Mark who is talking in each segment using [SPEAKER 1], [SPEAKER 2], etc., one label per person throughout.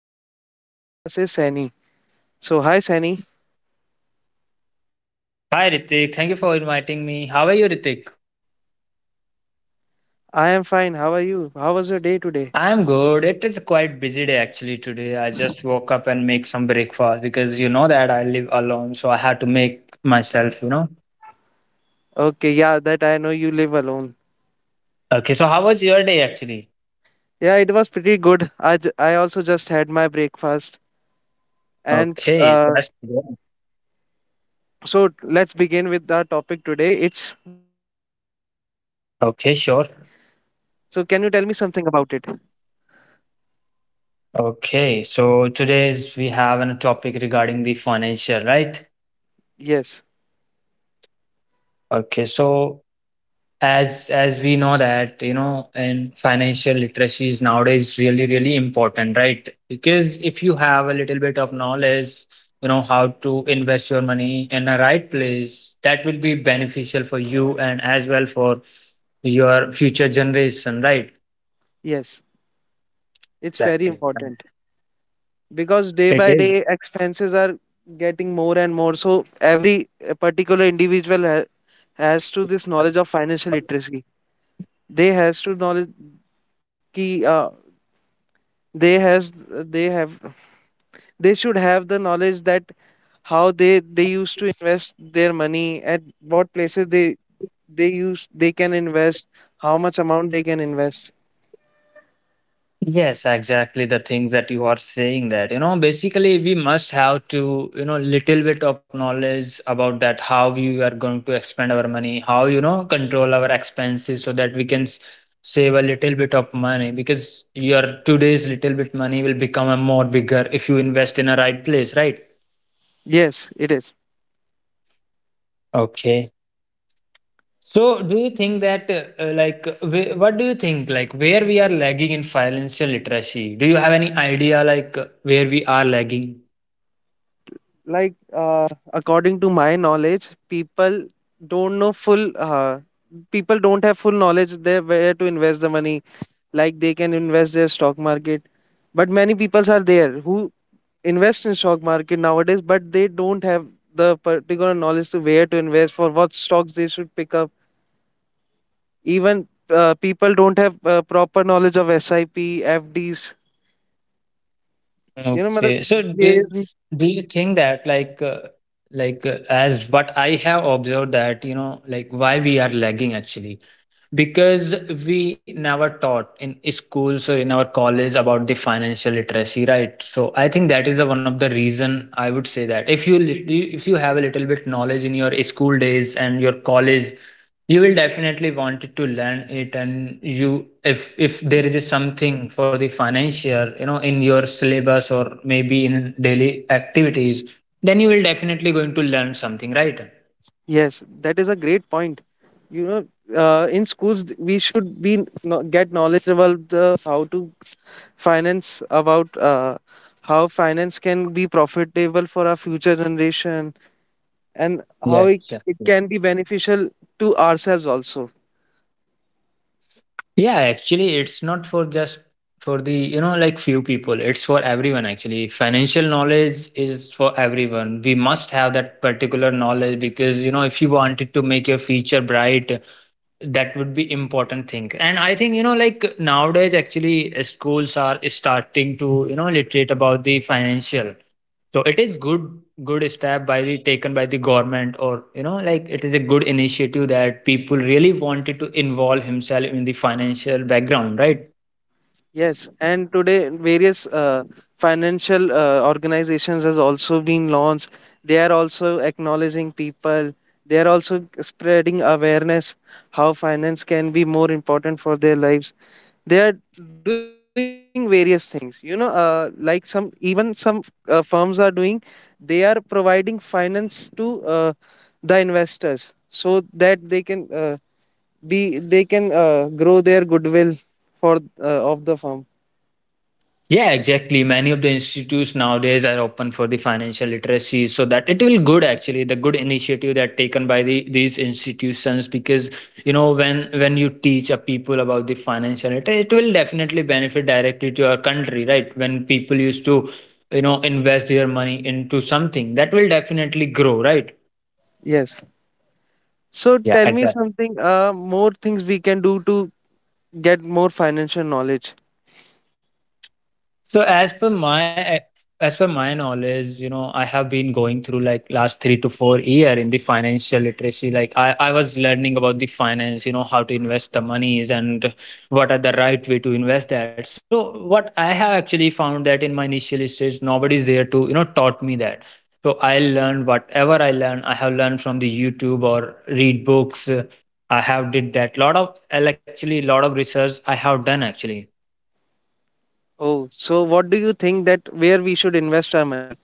[SPEAKER 1] guest for this podcast is Sani. So hi Sani,
[SPEAKER 2] Hi Ritik, thank you for inviting me. How are you, Ritik?
[SPEAKER 1] I am fine. How are you? How was your day today?
[SPEAKER 2] I'm good. It is quite busy day actually today. I just woke up and make some breakfast because you know that I live alone, so I had to make myself.
[SPEAKER 1] Okay, yeah, that I know you live alone.
[SPEAKER 2] Okay, so how was your day actually?
[SPEAKER 1] Yeah, it was pretty good. I also just had my breakfast and
[SPEAKER 2] Okay,
[SPEAKER 1] uh,
[SPEAKER 2] that's good.
[SPEAKER 1] so let's begin with our topic today. It's financial literacy.
[SPEAKER 2] Okay,
[SPEAKER 1] So can
[SPEAKER 2] sure.
[SPEAKER 1] you tell me something about it?
[SPEAKER 2] Okay, so today's we have a topic regarding the financial, right?
[SPEAKER 1] Yes,
[SPEAKER 2] Okay, so as we know that and financial literacy is nowadays really really important, right? Because if you have a little bit of knowledge, you know how to invest your money in a right place that will be beneficial for you and as well for your future generation, right?
[SPEAKER 1] yes, it's very
[SPEAKER 2] Exactly.
[SPEAKER 1] important because day
[SPEAKER 2] It
[SPEAKER 1] by
[SPEAKER 2] is.
[SPEAKER 1] day expenses are getting more and more, so every particular individual has to this knowledge of financial literacy. They has to knowledge ki they has they have They should have the knowledge that how they used to invest their money, at what places they can invest, how much amount they can invest.
[SPEAKER 2] Yes, exactly the things that you are saying that, you know, basically we must have to, you know, little bit of knowledge about that, how we are going to expend our money, how, you know, control our expenses so that we can save a little bit of money, because your today's little bit money will become a more bigger if you invest in a right place, right?
[SPEAKER 1] Yes it is.
[SPEAKER 2] Okay. So, do you think that, what do you think, like, where we are lagging in financial literacy? Do you have any idea, like, where we are lagging?
[SPEAKER 1] like uh, According to my knowledge, people don't know full uh, people don't have full knowledge there where to invest the money. Like they can invest their stock market, but many people are there who invest in stock market nowadays but they don't have the particular knowledge to where to invest, for what stocks they should pick up. Even people don't have proper knowledge of sip FDs, you know mother.
[SPEAKER 2] Okay. So do,
[SPEAKER 1] yes m-
[SPEAKER 2] do you think that as what I have observed that, you know, like why we are lagging actually? Because we never taught in schools or in our college about the financial literacy, right? So I think that is the one of the reason, I would say, that if you if you have a little bit knowledge in your school days and your college, you will definitely want to learn it. And you, if there is something for the financial, you know, in your syllabus or maybe in daily activities, then you will definitely going to learn something, right?
[SPEAKER 1] yes, that is a great point, you know. In schools we should get knowledge about the, how to finance about how finance can be profitable for our future generation, and how it,
[SPEAKER 2] Yeah,
[SPEAKER 1] it
[SPEAKER 2] yeah.
[SPEAKER 1] can be beneficial to ourselves also.
[SPEAKER 2] Yeah, actually, it's not for just for the, you know, like few people. It's for everyone, actually. Financial knowledge is for everyone. We must have that particular knowledge because, you know, if you wanted to make your future bright, that would be important thing. And I think, you know, like nowadays, actually, schools are starting to, you know, literate about the financial. So it is good step by the taken by the government, or, you know, like it is a good initiative that people really wanted to involve himself in the financial background, right?
[SPEAKER 1] Yes, and today various financial organizations has also been launched. They are also acknowledging people. They are also spreading awareness how finance can be more important for their lives. They are doing various things. You know, like some even some firms are doing. They are providing finance to the investors so that they can grow their goodwill for of the firm.
[SPEAKER 2] Yeah, exactly. Many of the institutes nowadays are open for the financial literacy, so that it will good actually, the good initiative that taken by the these institutions, because you know, when you teach a people about the financial literacy, it will definitely benefit directly to our country, right? When people used to, you know, invest their money into something, that will definitely grow, right?
[SPEAKER 1] Yes. So
[SPEAKER 2] Yeah,
[SPEAKER 1] tell me
[SPEAKER 2] exactly.
[SPEAKER 1] something, more things we can do to get more financial knowledge.
[SPEAKER 2] So as per my knowledge, you know, I have been going through like last 3 to 4 year in the financial literacy. Like I was learning about the finance, you know, how to invest the monies and what are the right way to invest that. So what I have actually found that in my initial stage, nobody's there to, you know, taught me that. So I learned whatever I learned, I have learned from the YouTube or read books. I have did that. Lot of actually lot of research I have done actually.
[SPEAKER 1] Oh, so what do you think that where we should invest our money?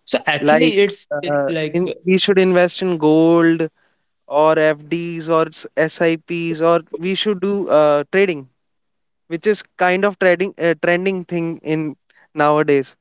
[SPEAKER 2] So actually,
[SPEAKER 1] Like,
[SPEAKER 2] it's it- like
[SPEAKER 1] in we should invest in gold or FDs or SIPs, or we should do trading, which is kind of trading trending thing in nowadays.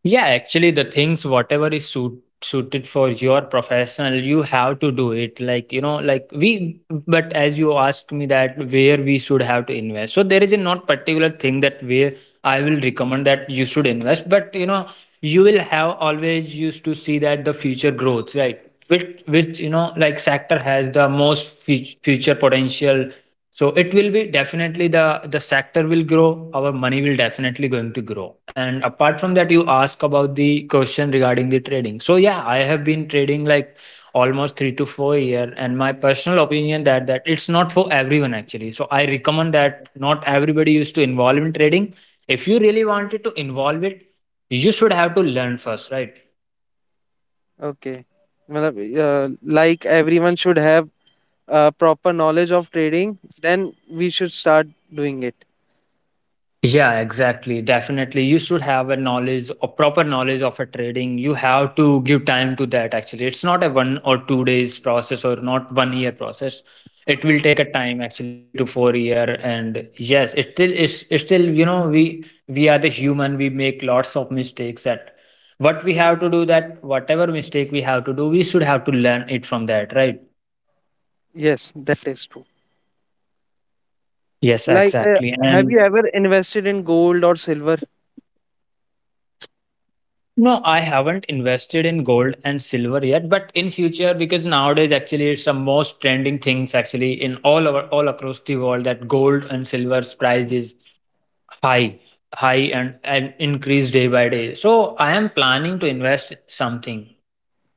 [SPEAKER 2] Yeah, actually, the things, whatever is suited for your professional, you have to do it. Like, you know, like we, but as you asked me that where we should have to invest. So there is a not particular thing that where I will recommend that you should invest, but you know, you will have always used to see that the future growth, right? Which, you know, like sector has the most future potential, so it will be definitely the sector will grow, our money will definitely going to grow. And apart from that, you ask about the question regarding the trading. So yeah, I have been trading like almost 3 to 4 year, and my personal opinion that it's not for everyone actually. So I recommend that not everybody used to involve in trading. If you really wanted to involve it, you should have to learn first, right?
[SPEAKER 1] Okay, मतलब, like everyone should have proper knowledge of trading, then we should start doing it.
[SPEAKER 2] Yeah, exactly. Definitely. You should have a knowledge or proper knowledge of a trading. You have to give time to that actually. It's not a one or two days process or not one year process. It will take a time actually, 3 to 4 year. And yes, it still is it's still, you know, we are the human, we make lots of mistakes that what we have to do, that whatever mistake we have to do, we should have to learn it from that, right?
[SPEAKER 1] Yes, that is true.
[SPEAKER 2] Yes,
[SPEAKER 1] Like,
[SPEAKER 2] exactly.
[SPEAKER 1] have you
[SPEAKER 2] And
[SPEAKER 1] ever invested in gold or silver?
[SPEAKER 2] no, I haven't invested in gold and silver yet, but in future, because nowadays actually it's the most trending things actually in all across the world that gold and silver's price is high, and increase day by day. So I am planning to invest something,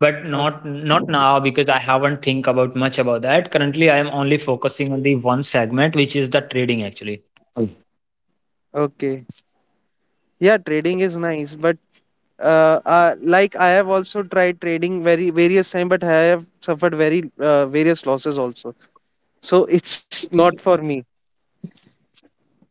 [SPEAKER 2] but
[SPEAKER 1] Oh,
[SPEAKER 2] not now because I haven't think about much about that. Currently, I am only focusing on the one segment which is the trading actually.
[SPEAKER 1] okay. Yeah, trading is nice, but like I have also tried trading very various time, but I have suffered very various losses also. So it's not for me.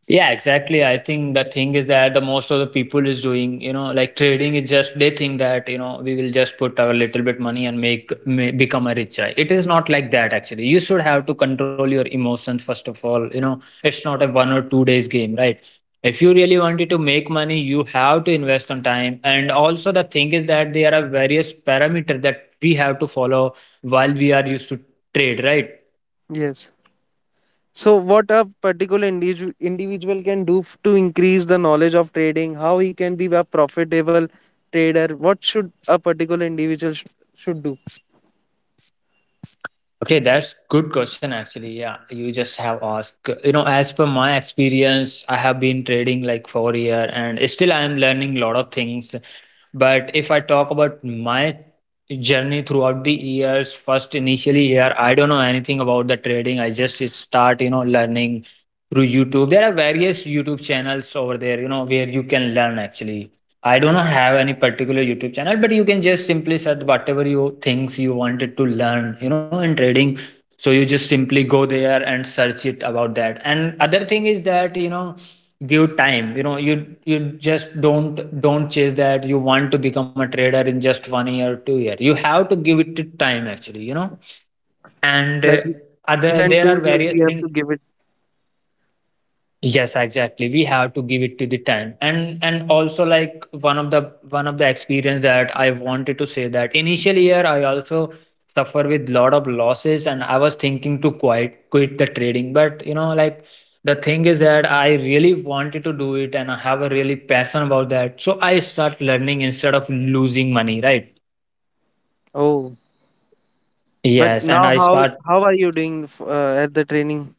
[SPEAKER 2] Yeah, exactly. I think the thing is that the most of the people is doing, you know, like trading is just they think that, you know, we will just put our little bit money and become a rich guy. It is not like that actually. You should have to control your emotions first of all. You know, it's not a one or two days game, right? If you really wanted to make money, you have to invest on time. And also the thing is that there are various parameters that we have to follow while we are used to trade, right?
[SPEAKER 1] Yes. So what a particular individual can do to increase the knowledge of trading, how he can be a profitable trader, what should a particular individual sh should do?
[SPEAKER 2] Okay, that's good question actually. Yeah, you just have asked. You know, as per my experience, I have been trading like for a year and still I am learning lot of things. But if I talk about my journey throughout the years, first initially year, I don't know anything about the trading. I just start, you know, learning through YouTube. There are various YouTube channels over there, you know, where you can learn actually. I do not have any particular YouTube channel, but you can just simply search whatever you things you wanted to learn, you know, in trading. So you just simply go there and search it about that. And other thing is that, you know, give time. You know, you just don't chase that you want to become a trader in just one year, or two year. You have to give it time actually, you know. And
[SPEAKER 1] Like more
[SPEAKER 2] other
[SPEAKER 1] than
[SPEAKER 2] there
[SPEAKER 1] two
[SPEAKER 2] are
[SPEAKER 1] years, we
[SPEAKER 2] various
[SPEAKER 1] have to
[SPEAKER 2] things.
[SPEAKER 1] give it.
[SPEAKER 2] Yes, exactly, we have to give it to the time. And also like one of the experience that I wanted to say that initial year, I also suffer with lot of losses, and I was thinking to quit the trading, but you know like the thing is that I really wanted to do it and I have a really passion about that, so I start learning instead of losing money, right?
[SPEAKER 1] Oh. But
[SPEAKER 2] Yes, and
[SPEAKER 1] now,
[SPEAKER 2] I
[SPEAKER 1] how
[SPEAKER 2] start
[SPEAKER 1] how are you doing at the training?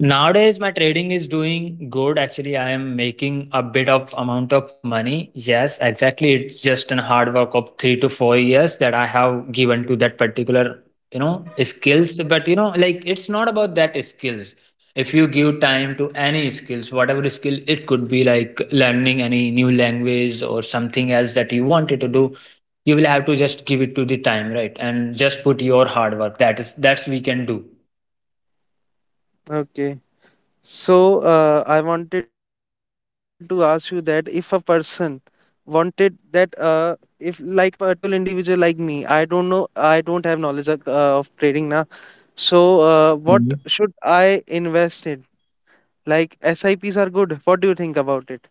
[SPEAKER 2] Nowadays, my trading is doing good. Actually, I am making a bit of amount of money. Yes, exactly. It's just an hard work of 3 to 4 years that I have given to that particular, you know, skills. But you know, like it's not about that skills. If you give time to any skills, whatever skill it could be, like learning any new language or something else that you wanted to do, you will have to just give it to the time, right? And just put your hard work. That is that's we can do.
[SPEAKER 1] Okay. So I wanted to ask you that if a person wanted that if like a particular individual like me, I don't know, I don't have knowledge of trading now. So what should I invest in? Like SIPs are good. What do you think about it?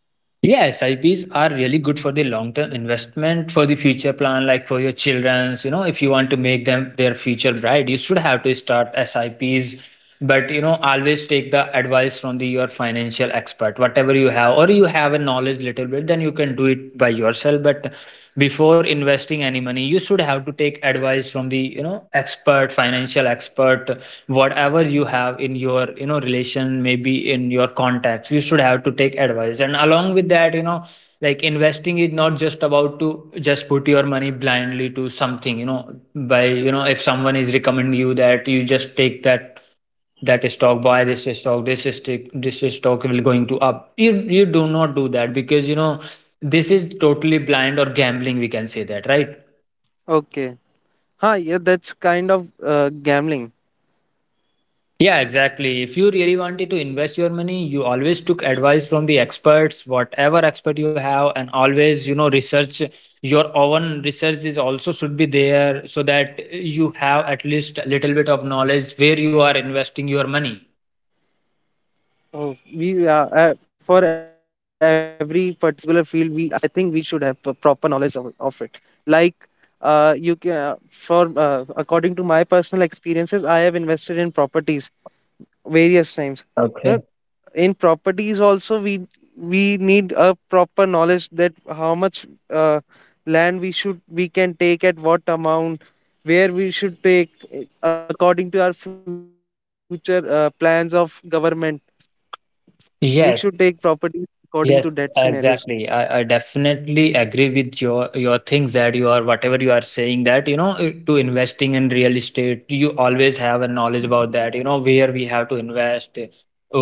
[SPEAKER 2] Yeah, SIPs are really good for the long-term investment for the future plan, like for your children's. You know, if you want to make them their future bright, you should have to start SIPs. But you know, always take the advice from the your financial expert, whatever you have, or you have a knowledge little bit, then you can do it by yourself. But before investing any money, you should have to take advice from the expert, financial expert, whatever you have in your relation, maybe in your contacts. You should have to take advice, and along with that, like investing is not just about to just put your money blindly to something. By, if someone is recommending you that, you just take that stock, buy this stock, this stock, this stock will going to up. You do not do that because this is totally blind or gambling, we can say that, right?
[SPEAKER 1] Okay. Huh, yeah, that's kind of gambling.
[SPEAKER 2] Yeah, exactly. If you really wanted to invest your money, you always took advice from the experts, whatever expert you have, and always, research your own research is also should be there so that you have at least a little bit of knowledge where you are investing your money.
[SPEAKER 1] Oh, we for every particular field, we I think we should have a proper knowledge of it. Like, you can for according to my personal experiences, I have invested in properties various times. You know,
[SPEAKER 2] Okay.
[SPEAKER 1] in properties also we need a proper knowledge that how much land we can take at what amount, where we should take eh, according to our future plans of government, we should take
[SPEAKER 2] Yes.
[SPEAKER 1] properties according to that
[SPEAKER 2] Yes,
[SPEAKER 1] scenarios.
[SPEAKER 2] exactly. I definitely agree with your things that you are whatever you are saying, that to investing in real estate, you always have a knowledge about that, where we have to invest,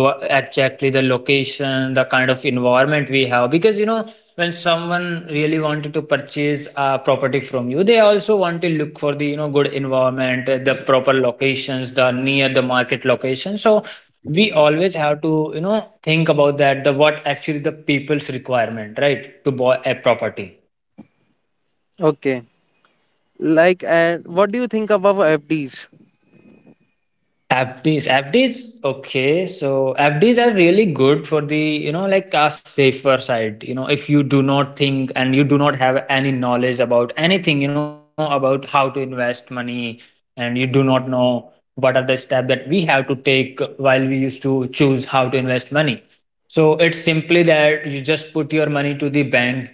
[SPEAKER 2] exactly the location, the kind of environment we have, because when someone really wanted to purchase a property from you, they also want to look for the good environment, the proper locations, the near the market location. So we always have to think about that, the what actually the people's requirement, right, to buy a property.
[SPEAKER 1] Okay. Like, and what do you think about FDs?
[SPEAKER 2] FDs, okay, so FDs are really good for the, like, a safer side. If you do not think and you do not have any knowledge about anything, about how to invest money, and you do not know what are the steps that we have to take while we used to choose how to invest money. So it's simply that you just put your money to the bank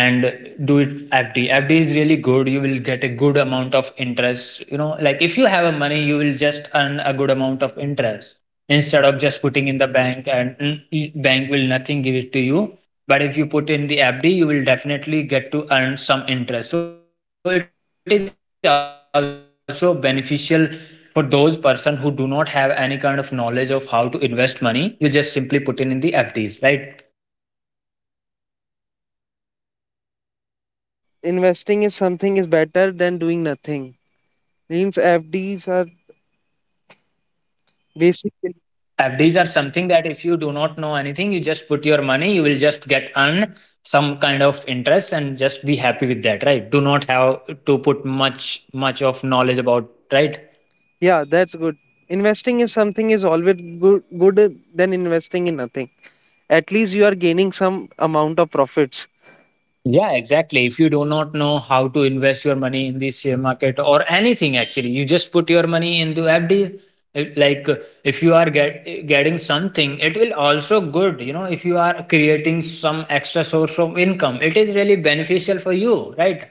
[SPEAKER 2] and do it FD. FD is really good. You will get a good amount of interest. You know, like if you have a money, you will just earn a good amount of interest instead of just putting in the bank, and bank will nothing give it to you. But if you put in the FD, you will definitely get to earn some interest. So it is also beneficial for those person who do not have any kind of knowledge of how to invest money. You just simply put in the FDs, right?
[SPEAKER 1] Yeah, it's just like investing is something is better than doing nothing. Means FDs are
[SPEAKER 2] FDs are
[SPEAKER 1] basically,
[SPEAKER 2] something that if you do not know anything, you just put your money, you will just get earn some kind of interest and just be happy with that, right? Do not have to put much of knowledge about, right?
[SPEAKER 1] yeah, that's good. Investing is something is always good, good than investing in nothing. At least you are gaining some amount of profits.
[SPEAKER 2] Yeah, exactly. If you do not know how to invest your money in the share market or anything, actually, you just put your money into FD. It- Like if you are getting something, it will also good. If you are creating some extra source of income, it is really beneficial for you, right?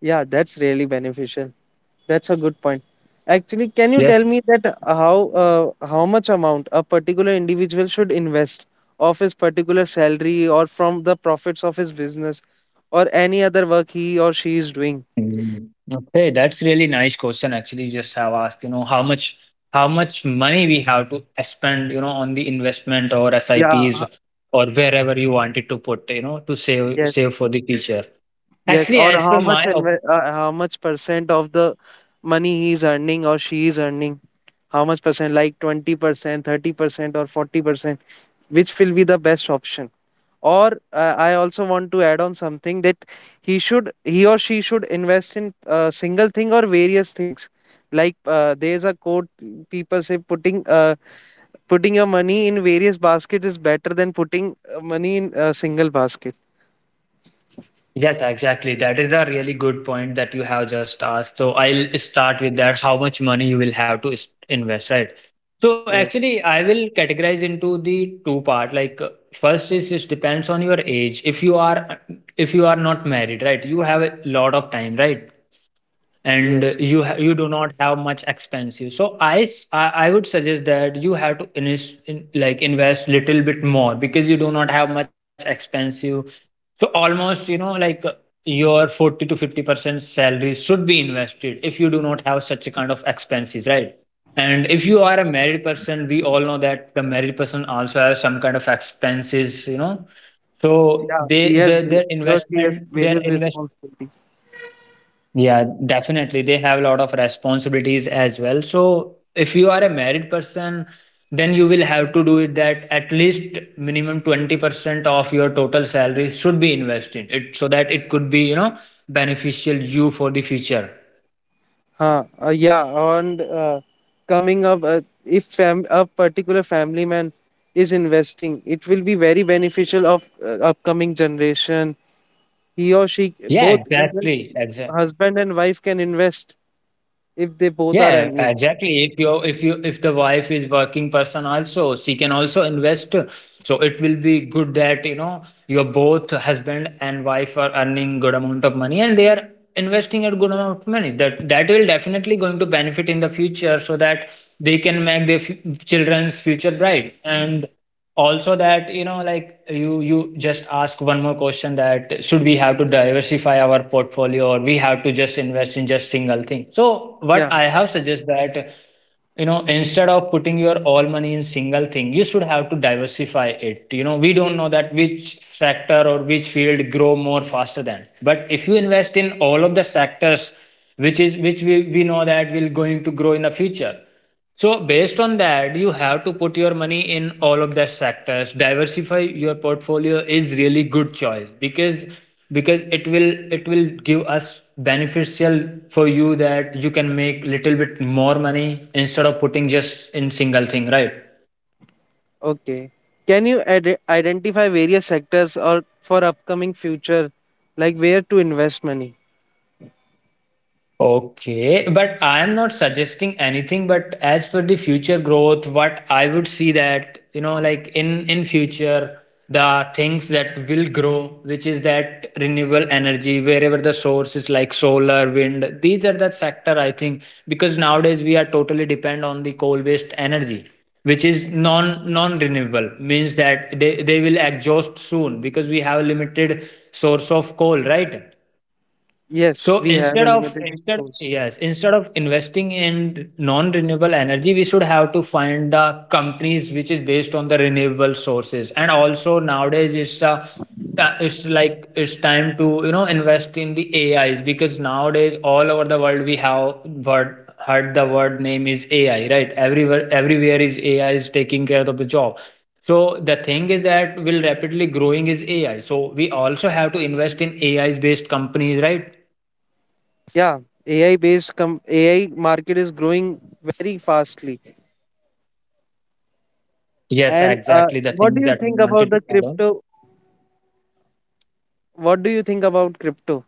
[SPEAKER 1] Yeah, that's really beneficial. That's a good point. Actually, can you tell me that how much amount a particular individual should invest of his particular salary or from the profits of his business or any other work he or she is doing?
[SPEAKER 2] Mm. Okay, that's really nice question actually just have asked, you know, how much money we have to spend, on the investment or S I
[SPEAKER 1] Yeah.
[SPEAKER 2] Ps or wherever you wanted to put, to save
[SPEAKER 1] Yes.
[SPEAKER 2] save for the future.
[SPEAKER 1] Yes.
[SPEAKER 2] Actually,
[SPEAKER 1] Or
[SPEAKER 2] as per my op.
[SPEAKER 1] how much percent of the money he is earning or she is earning? How much percent? Like 20%, 30%, or 40%? Which will be the best option? Or I also want to add on something that he or she should invest in a single thing or various things. Like there's a quote people say putting your money in various basket is better than putting money in a single basket.
[SPEAKER 2] Yes, exactly. That is a really good point that you have just asked. So I'll start with that. How much money you will have to invest, right? So
[SPEAKER 1] Yes,
[SPEAKER 2] actually, I will categorize into the two part. Like first is, it depends on your age. If you are not married, right? You have a lot of time, right? And
[SPEAKER 1] yes.
[SPEAKER 2] you do not have much expensive, so I, s- I would suggest that you have to like invest little bit more, because you do not have much expensive. So almost, like your 40 to 50% salary should be invested, if you do not have such a kind of expenses, right? And if you are a married person, we all know that the married person also has some kind of expenses, so
[SPEAKER 1] Yeah,
[SPEAKER 2] they the,
[SPEAKER 1] he or she has
[SPEAKER 2] their
[SPEAKER 1] various
[SPEAKER 2] investment
[SPEAKER 1] responsibilities.
[SPEAKER 2] Yeah, definitely. They have a lot of responsibilities as well. So if you are a married person, then you will have to do it that at least minimum 20% of your total salary should be invested it, so that it could be, beneficial you for the future.
[SPEAKER 1] Huh. Yeah. And coming up, if fam- a particular family man is investing, it will be very beneficial of upcoming generation. He or she,
[SPEAKER 2] Yeah,
[SPEAKER 1] both even
[SPEAKER 2] exactly. Exactly.
[SPEAKER 1] husband and wife, can invest if they both are
[SPEAKER 2] Yeah,
[SPEAKER 1] earning.
[SPEAKER 2] exactly. If the wife is working person also, she can also invest. So it will be good that, your both husband and wife are earning good amount of money, and they are investing at good amount of money, that will definitely going to benefit in the future, so that they can make their children's future bright. And also that, like, you just ask one more question: that should we have to diversify our portfolio, or we have to just invest in just single thing? So what
[SPEAKER 1] Yeah.
[SPEAKER 2] I have suggested that, instead of putting your all money in single thing, you should have to diversify it. We don't know that which sector or which field grow more faster than, but if you invest in all of the sectors which is which we know that will going to grow in the future. So based on that, you have to put your money in all of the sectors. Diversify your portfolio is really good choice, because it will give us beneficial for you, that you can make little bit more money instead of putting just in single thing, right?
[SPEAKER 1] Okay. Can you identify various sectors or for upcoming future, like where to invest money?
[SPEAKER 2] Okay, but I am not suggesting anything, but as for the future growth, what I would see that, like in future, the things that will grow, which is that renewable energy, wherever the source is like solar, wind, these are the sector I think, because nowadays we are totally depend on the coal-based energy, which is non-renewable, means that they will exhaust soon because we have limited source of coal, right?
[SPEAKER 1] Yes,
[SPEAKER 2] So
[SPEAKER 1] we have
[SPEAKER 2] instead
[SPEAKER 1] a
[SPEAKER 2] of
[SPEAKER 1] limited
[SPEAKER 2] instead
[SPEAKER 1] source.
[SPEAKER 2] yes, instead of investing in non-renewable energy, we should have to find the companies which is based on the renewable sources. And also nowadays it's a it's like it's time to invest in the AIs, because nowadays all over the world we have word heard the word name is AI, right? Everywhere is AI is taking care of the job. So the thing is that will rapidly growing is AI. So we also have to invest in AIs based companies, right?
[SPEAKER 1] Yeah, AI market is growing very fastly.
[SPEAKER 2] Yes,
[SPEAKER 1] And
[SPEAKER 2] exactly the
[SPEAKER 1] what do
[SPEAKER 2] things
[SPEAKER 1] you
[SPEAKER 2] that we
[SPEAKER 1] think about
[SPEAKER 2] wanted to
[SPEAKER 1] the
[SPEAKER 2] add on.
[SPEAKER 1] crypto? What do you think about crypto?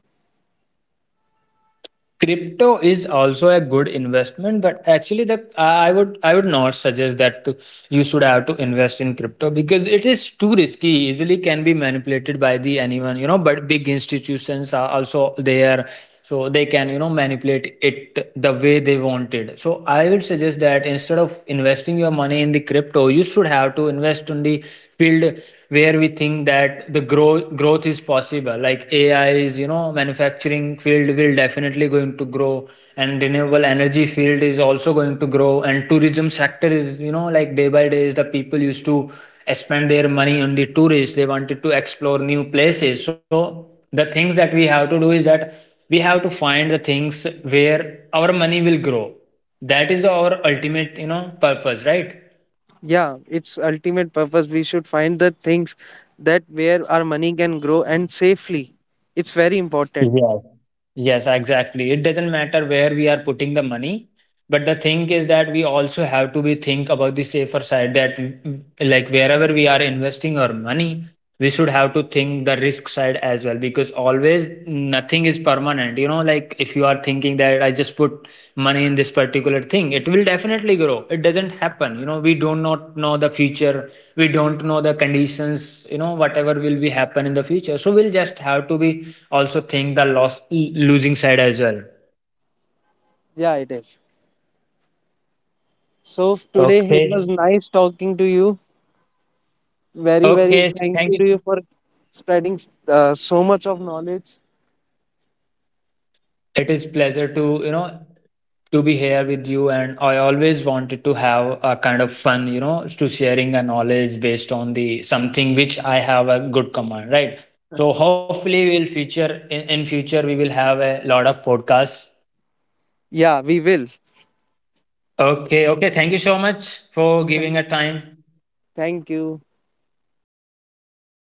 [SPEAKER 2] Crypto is also a good investment, but actually, the I would not suggest that to, you should have to invest in crypto because it is too risky. Easily can be manipulated by the anyone. But big institutions are also there, so they can manipulate it the way they wanted. So I would suggest that instead of investing your money in the crypto, you should have to invest on the field where we think that the growth is possible, like AI is, manufacturing field will definitely going to grow, and renewable energy field is also going to grow, and tourism sector is, like day by day is the people used to spend their money on the tourists, they wanted to explore new places. So the things that we have to do is that we have to find the things where our money will grow. That is our ultimate, purpose, right?
[SPEAKER 1] Yeah, its ultimate purpose. We should find the things that where our money can grow and safely. It's very important.
[SPEAKER 2] Yeah. Yes, exactly. It doesn't matter where we are putting the money, but the thing is that we also have to be think about the safer side, that like wherever we are investing our money, we should have to think the risk side as well, because always nothing is permanent. Like if you are thinking that I just put money in this particular thing, it will definitely grow, it doesn't happen. We do not know the future. We don't know the conditions, whatever will be happen in the future. So we'll just have to be also think the loss losing side as well.
[SPEAKER 1] Yeah, it is. So today it was
[SPEAKER 2] Okay.
[SPEAKER 1] nice talking to you. Very, very
[SPEAKER 2] Okay.
[SPEAKER 1] thank
[SPEAKER 2] Thank
[SPEAKER 1] you
[SPEAKER 2] you.
[SPEAKER 1] to you for spreading so much of knowledge.
[SPEAKER 2] It is pleasure to to be here with you, and I always wanted to have a kind of fun, to sharing a knowledge based on the something which I have a good command, right? So hopefully we'll feature in future we will have a lot of podcasts.
[SPEAKER 1] Yeah, we will.
[SPEAKER 2] Okay. Okay. Thank you so much for
[SPEAKER 1] Thank,
[SPEAKER 2] giving a time.
[SPEAKER 1] thank you.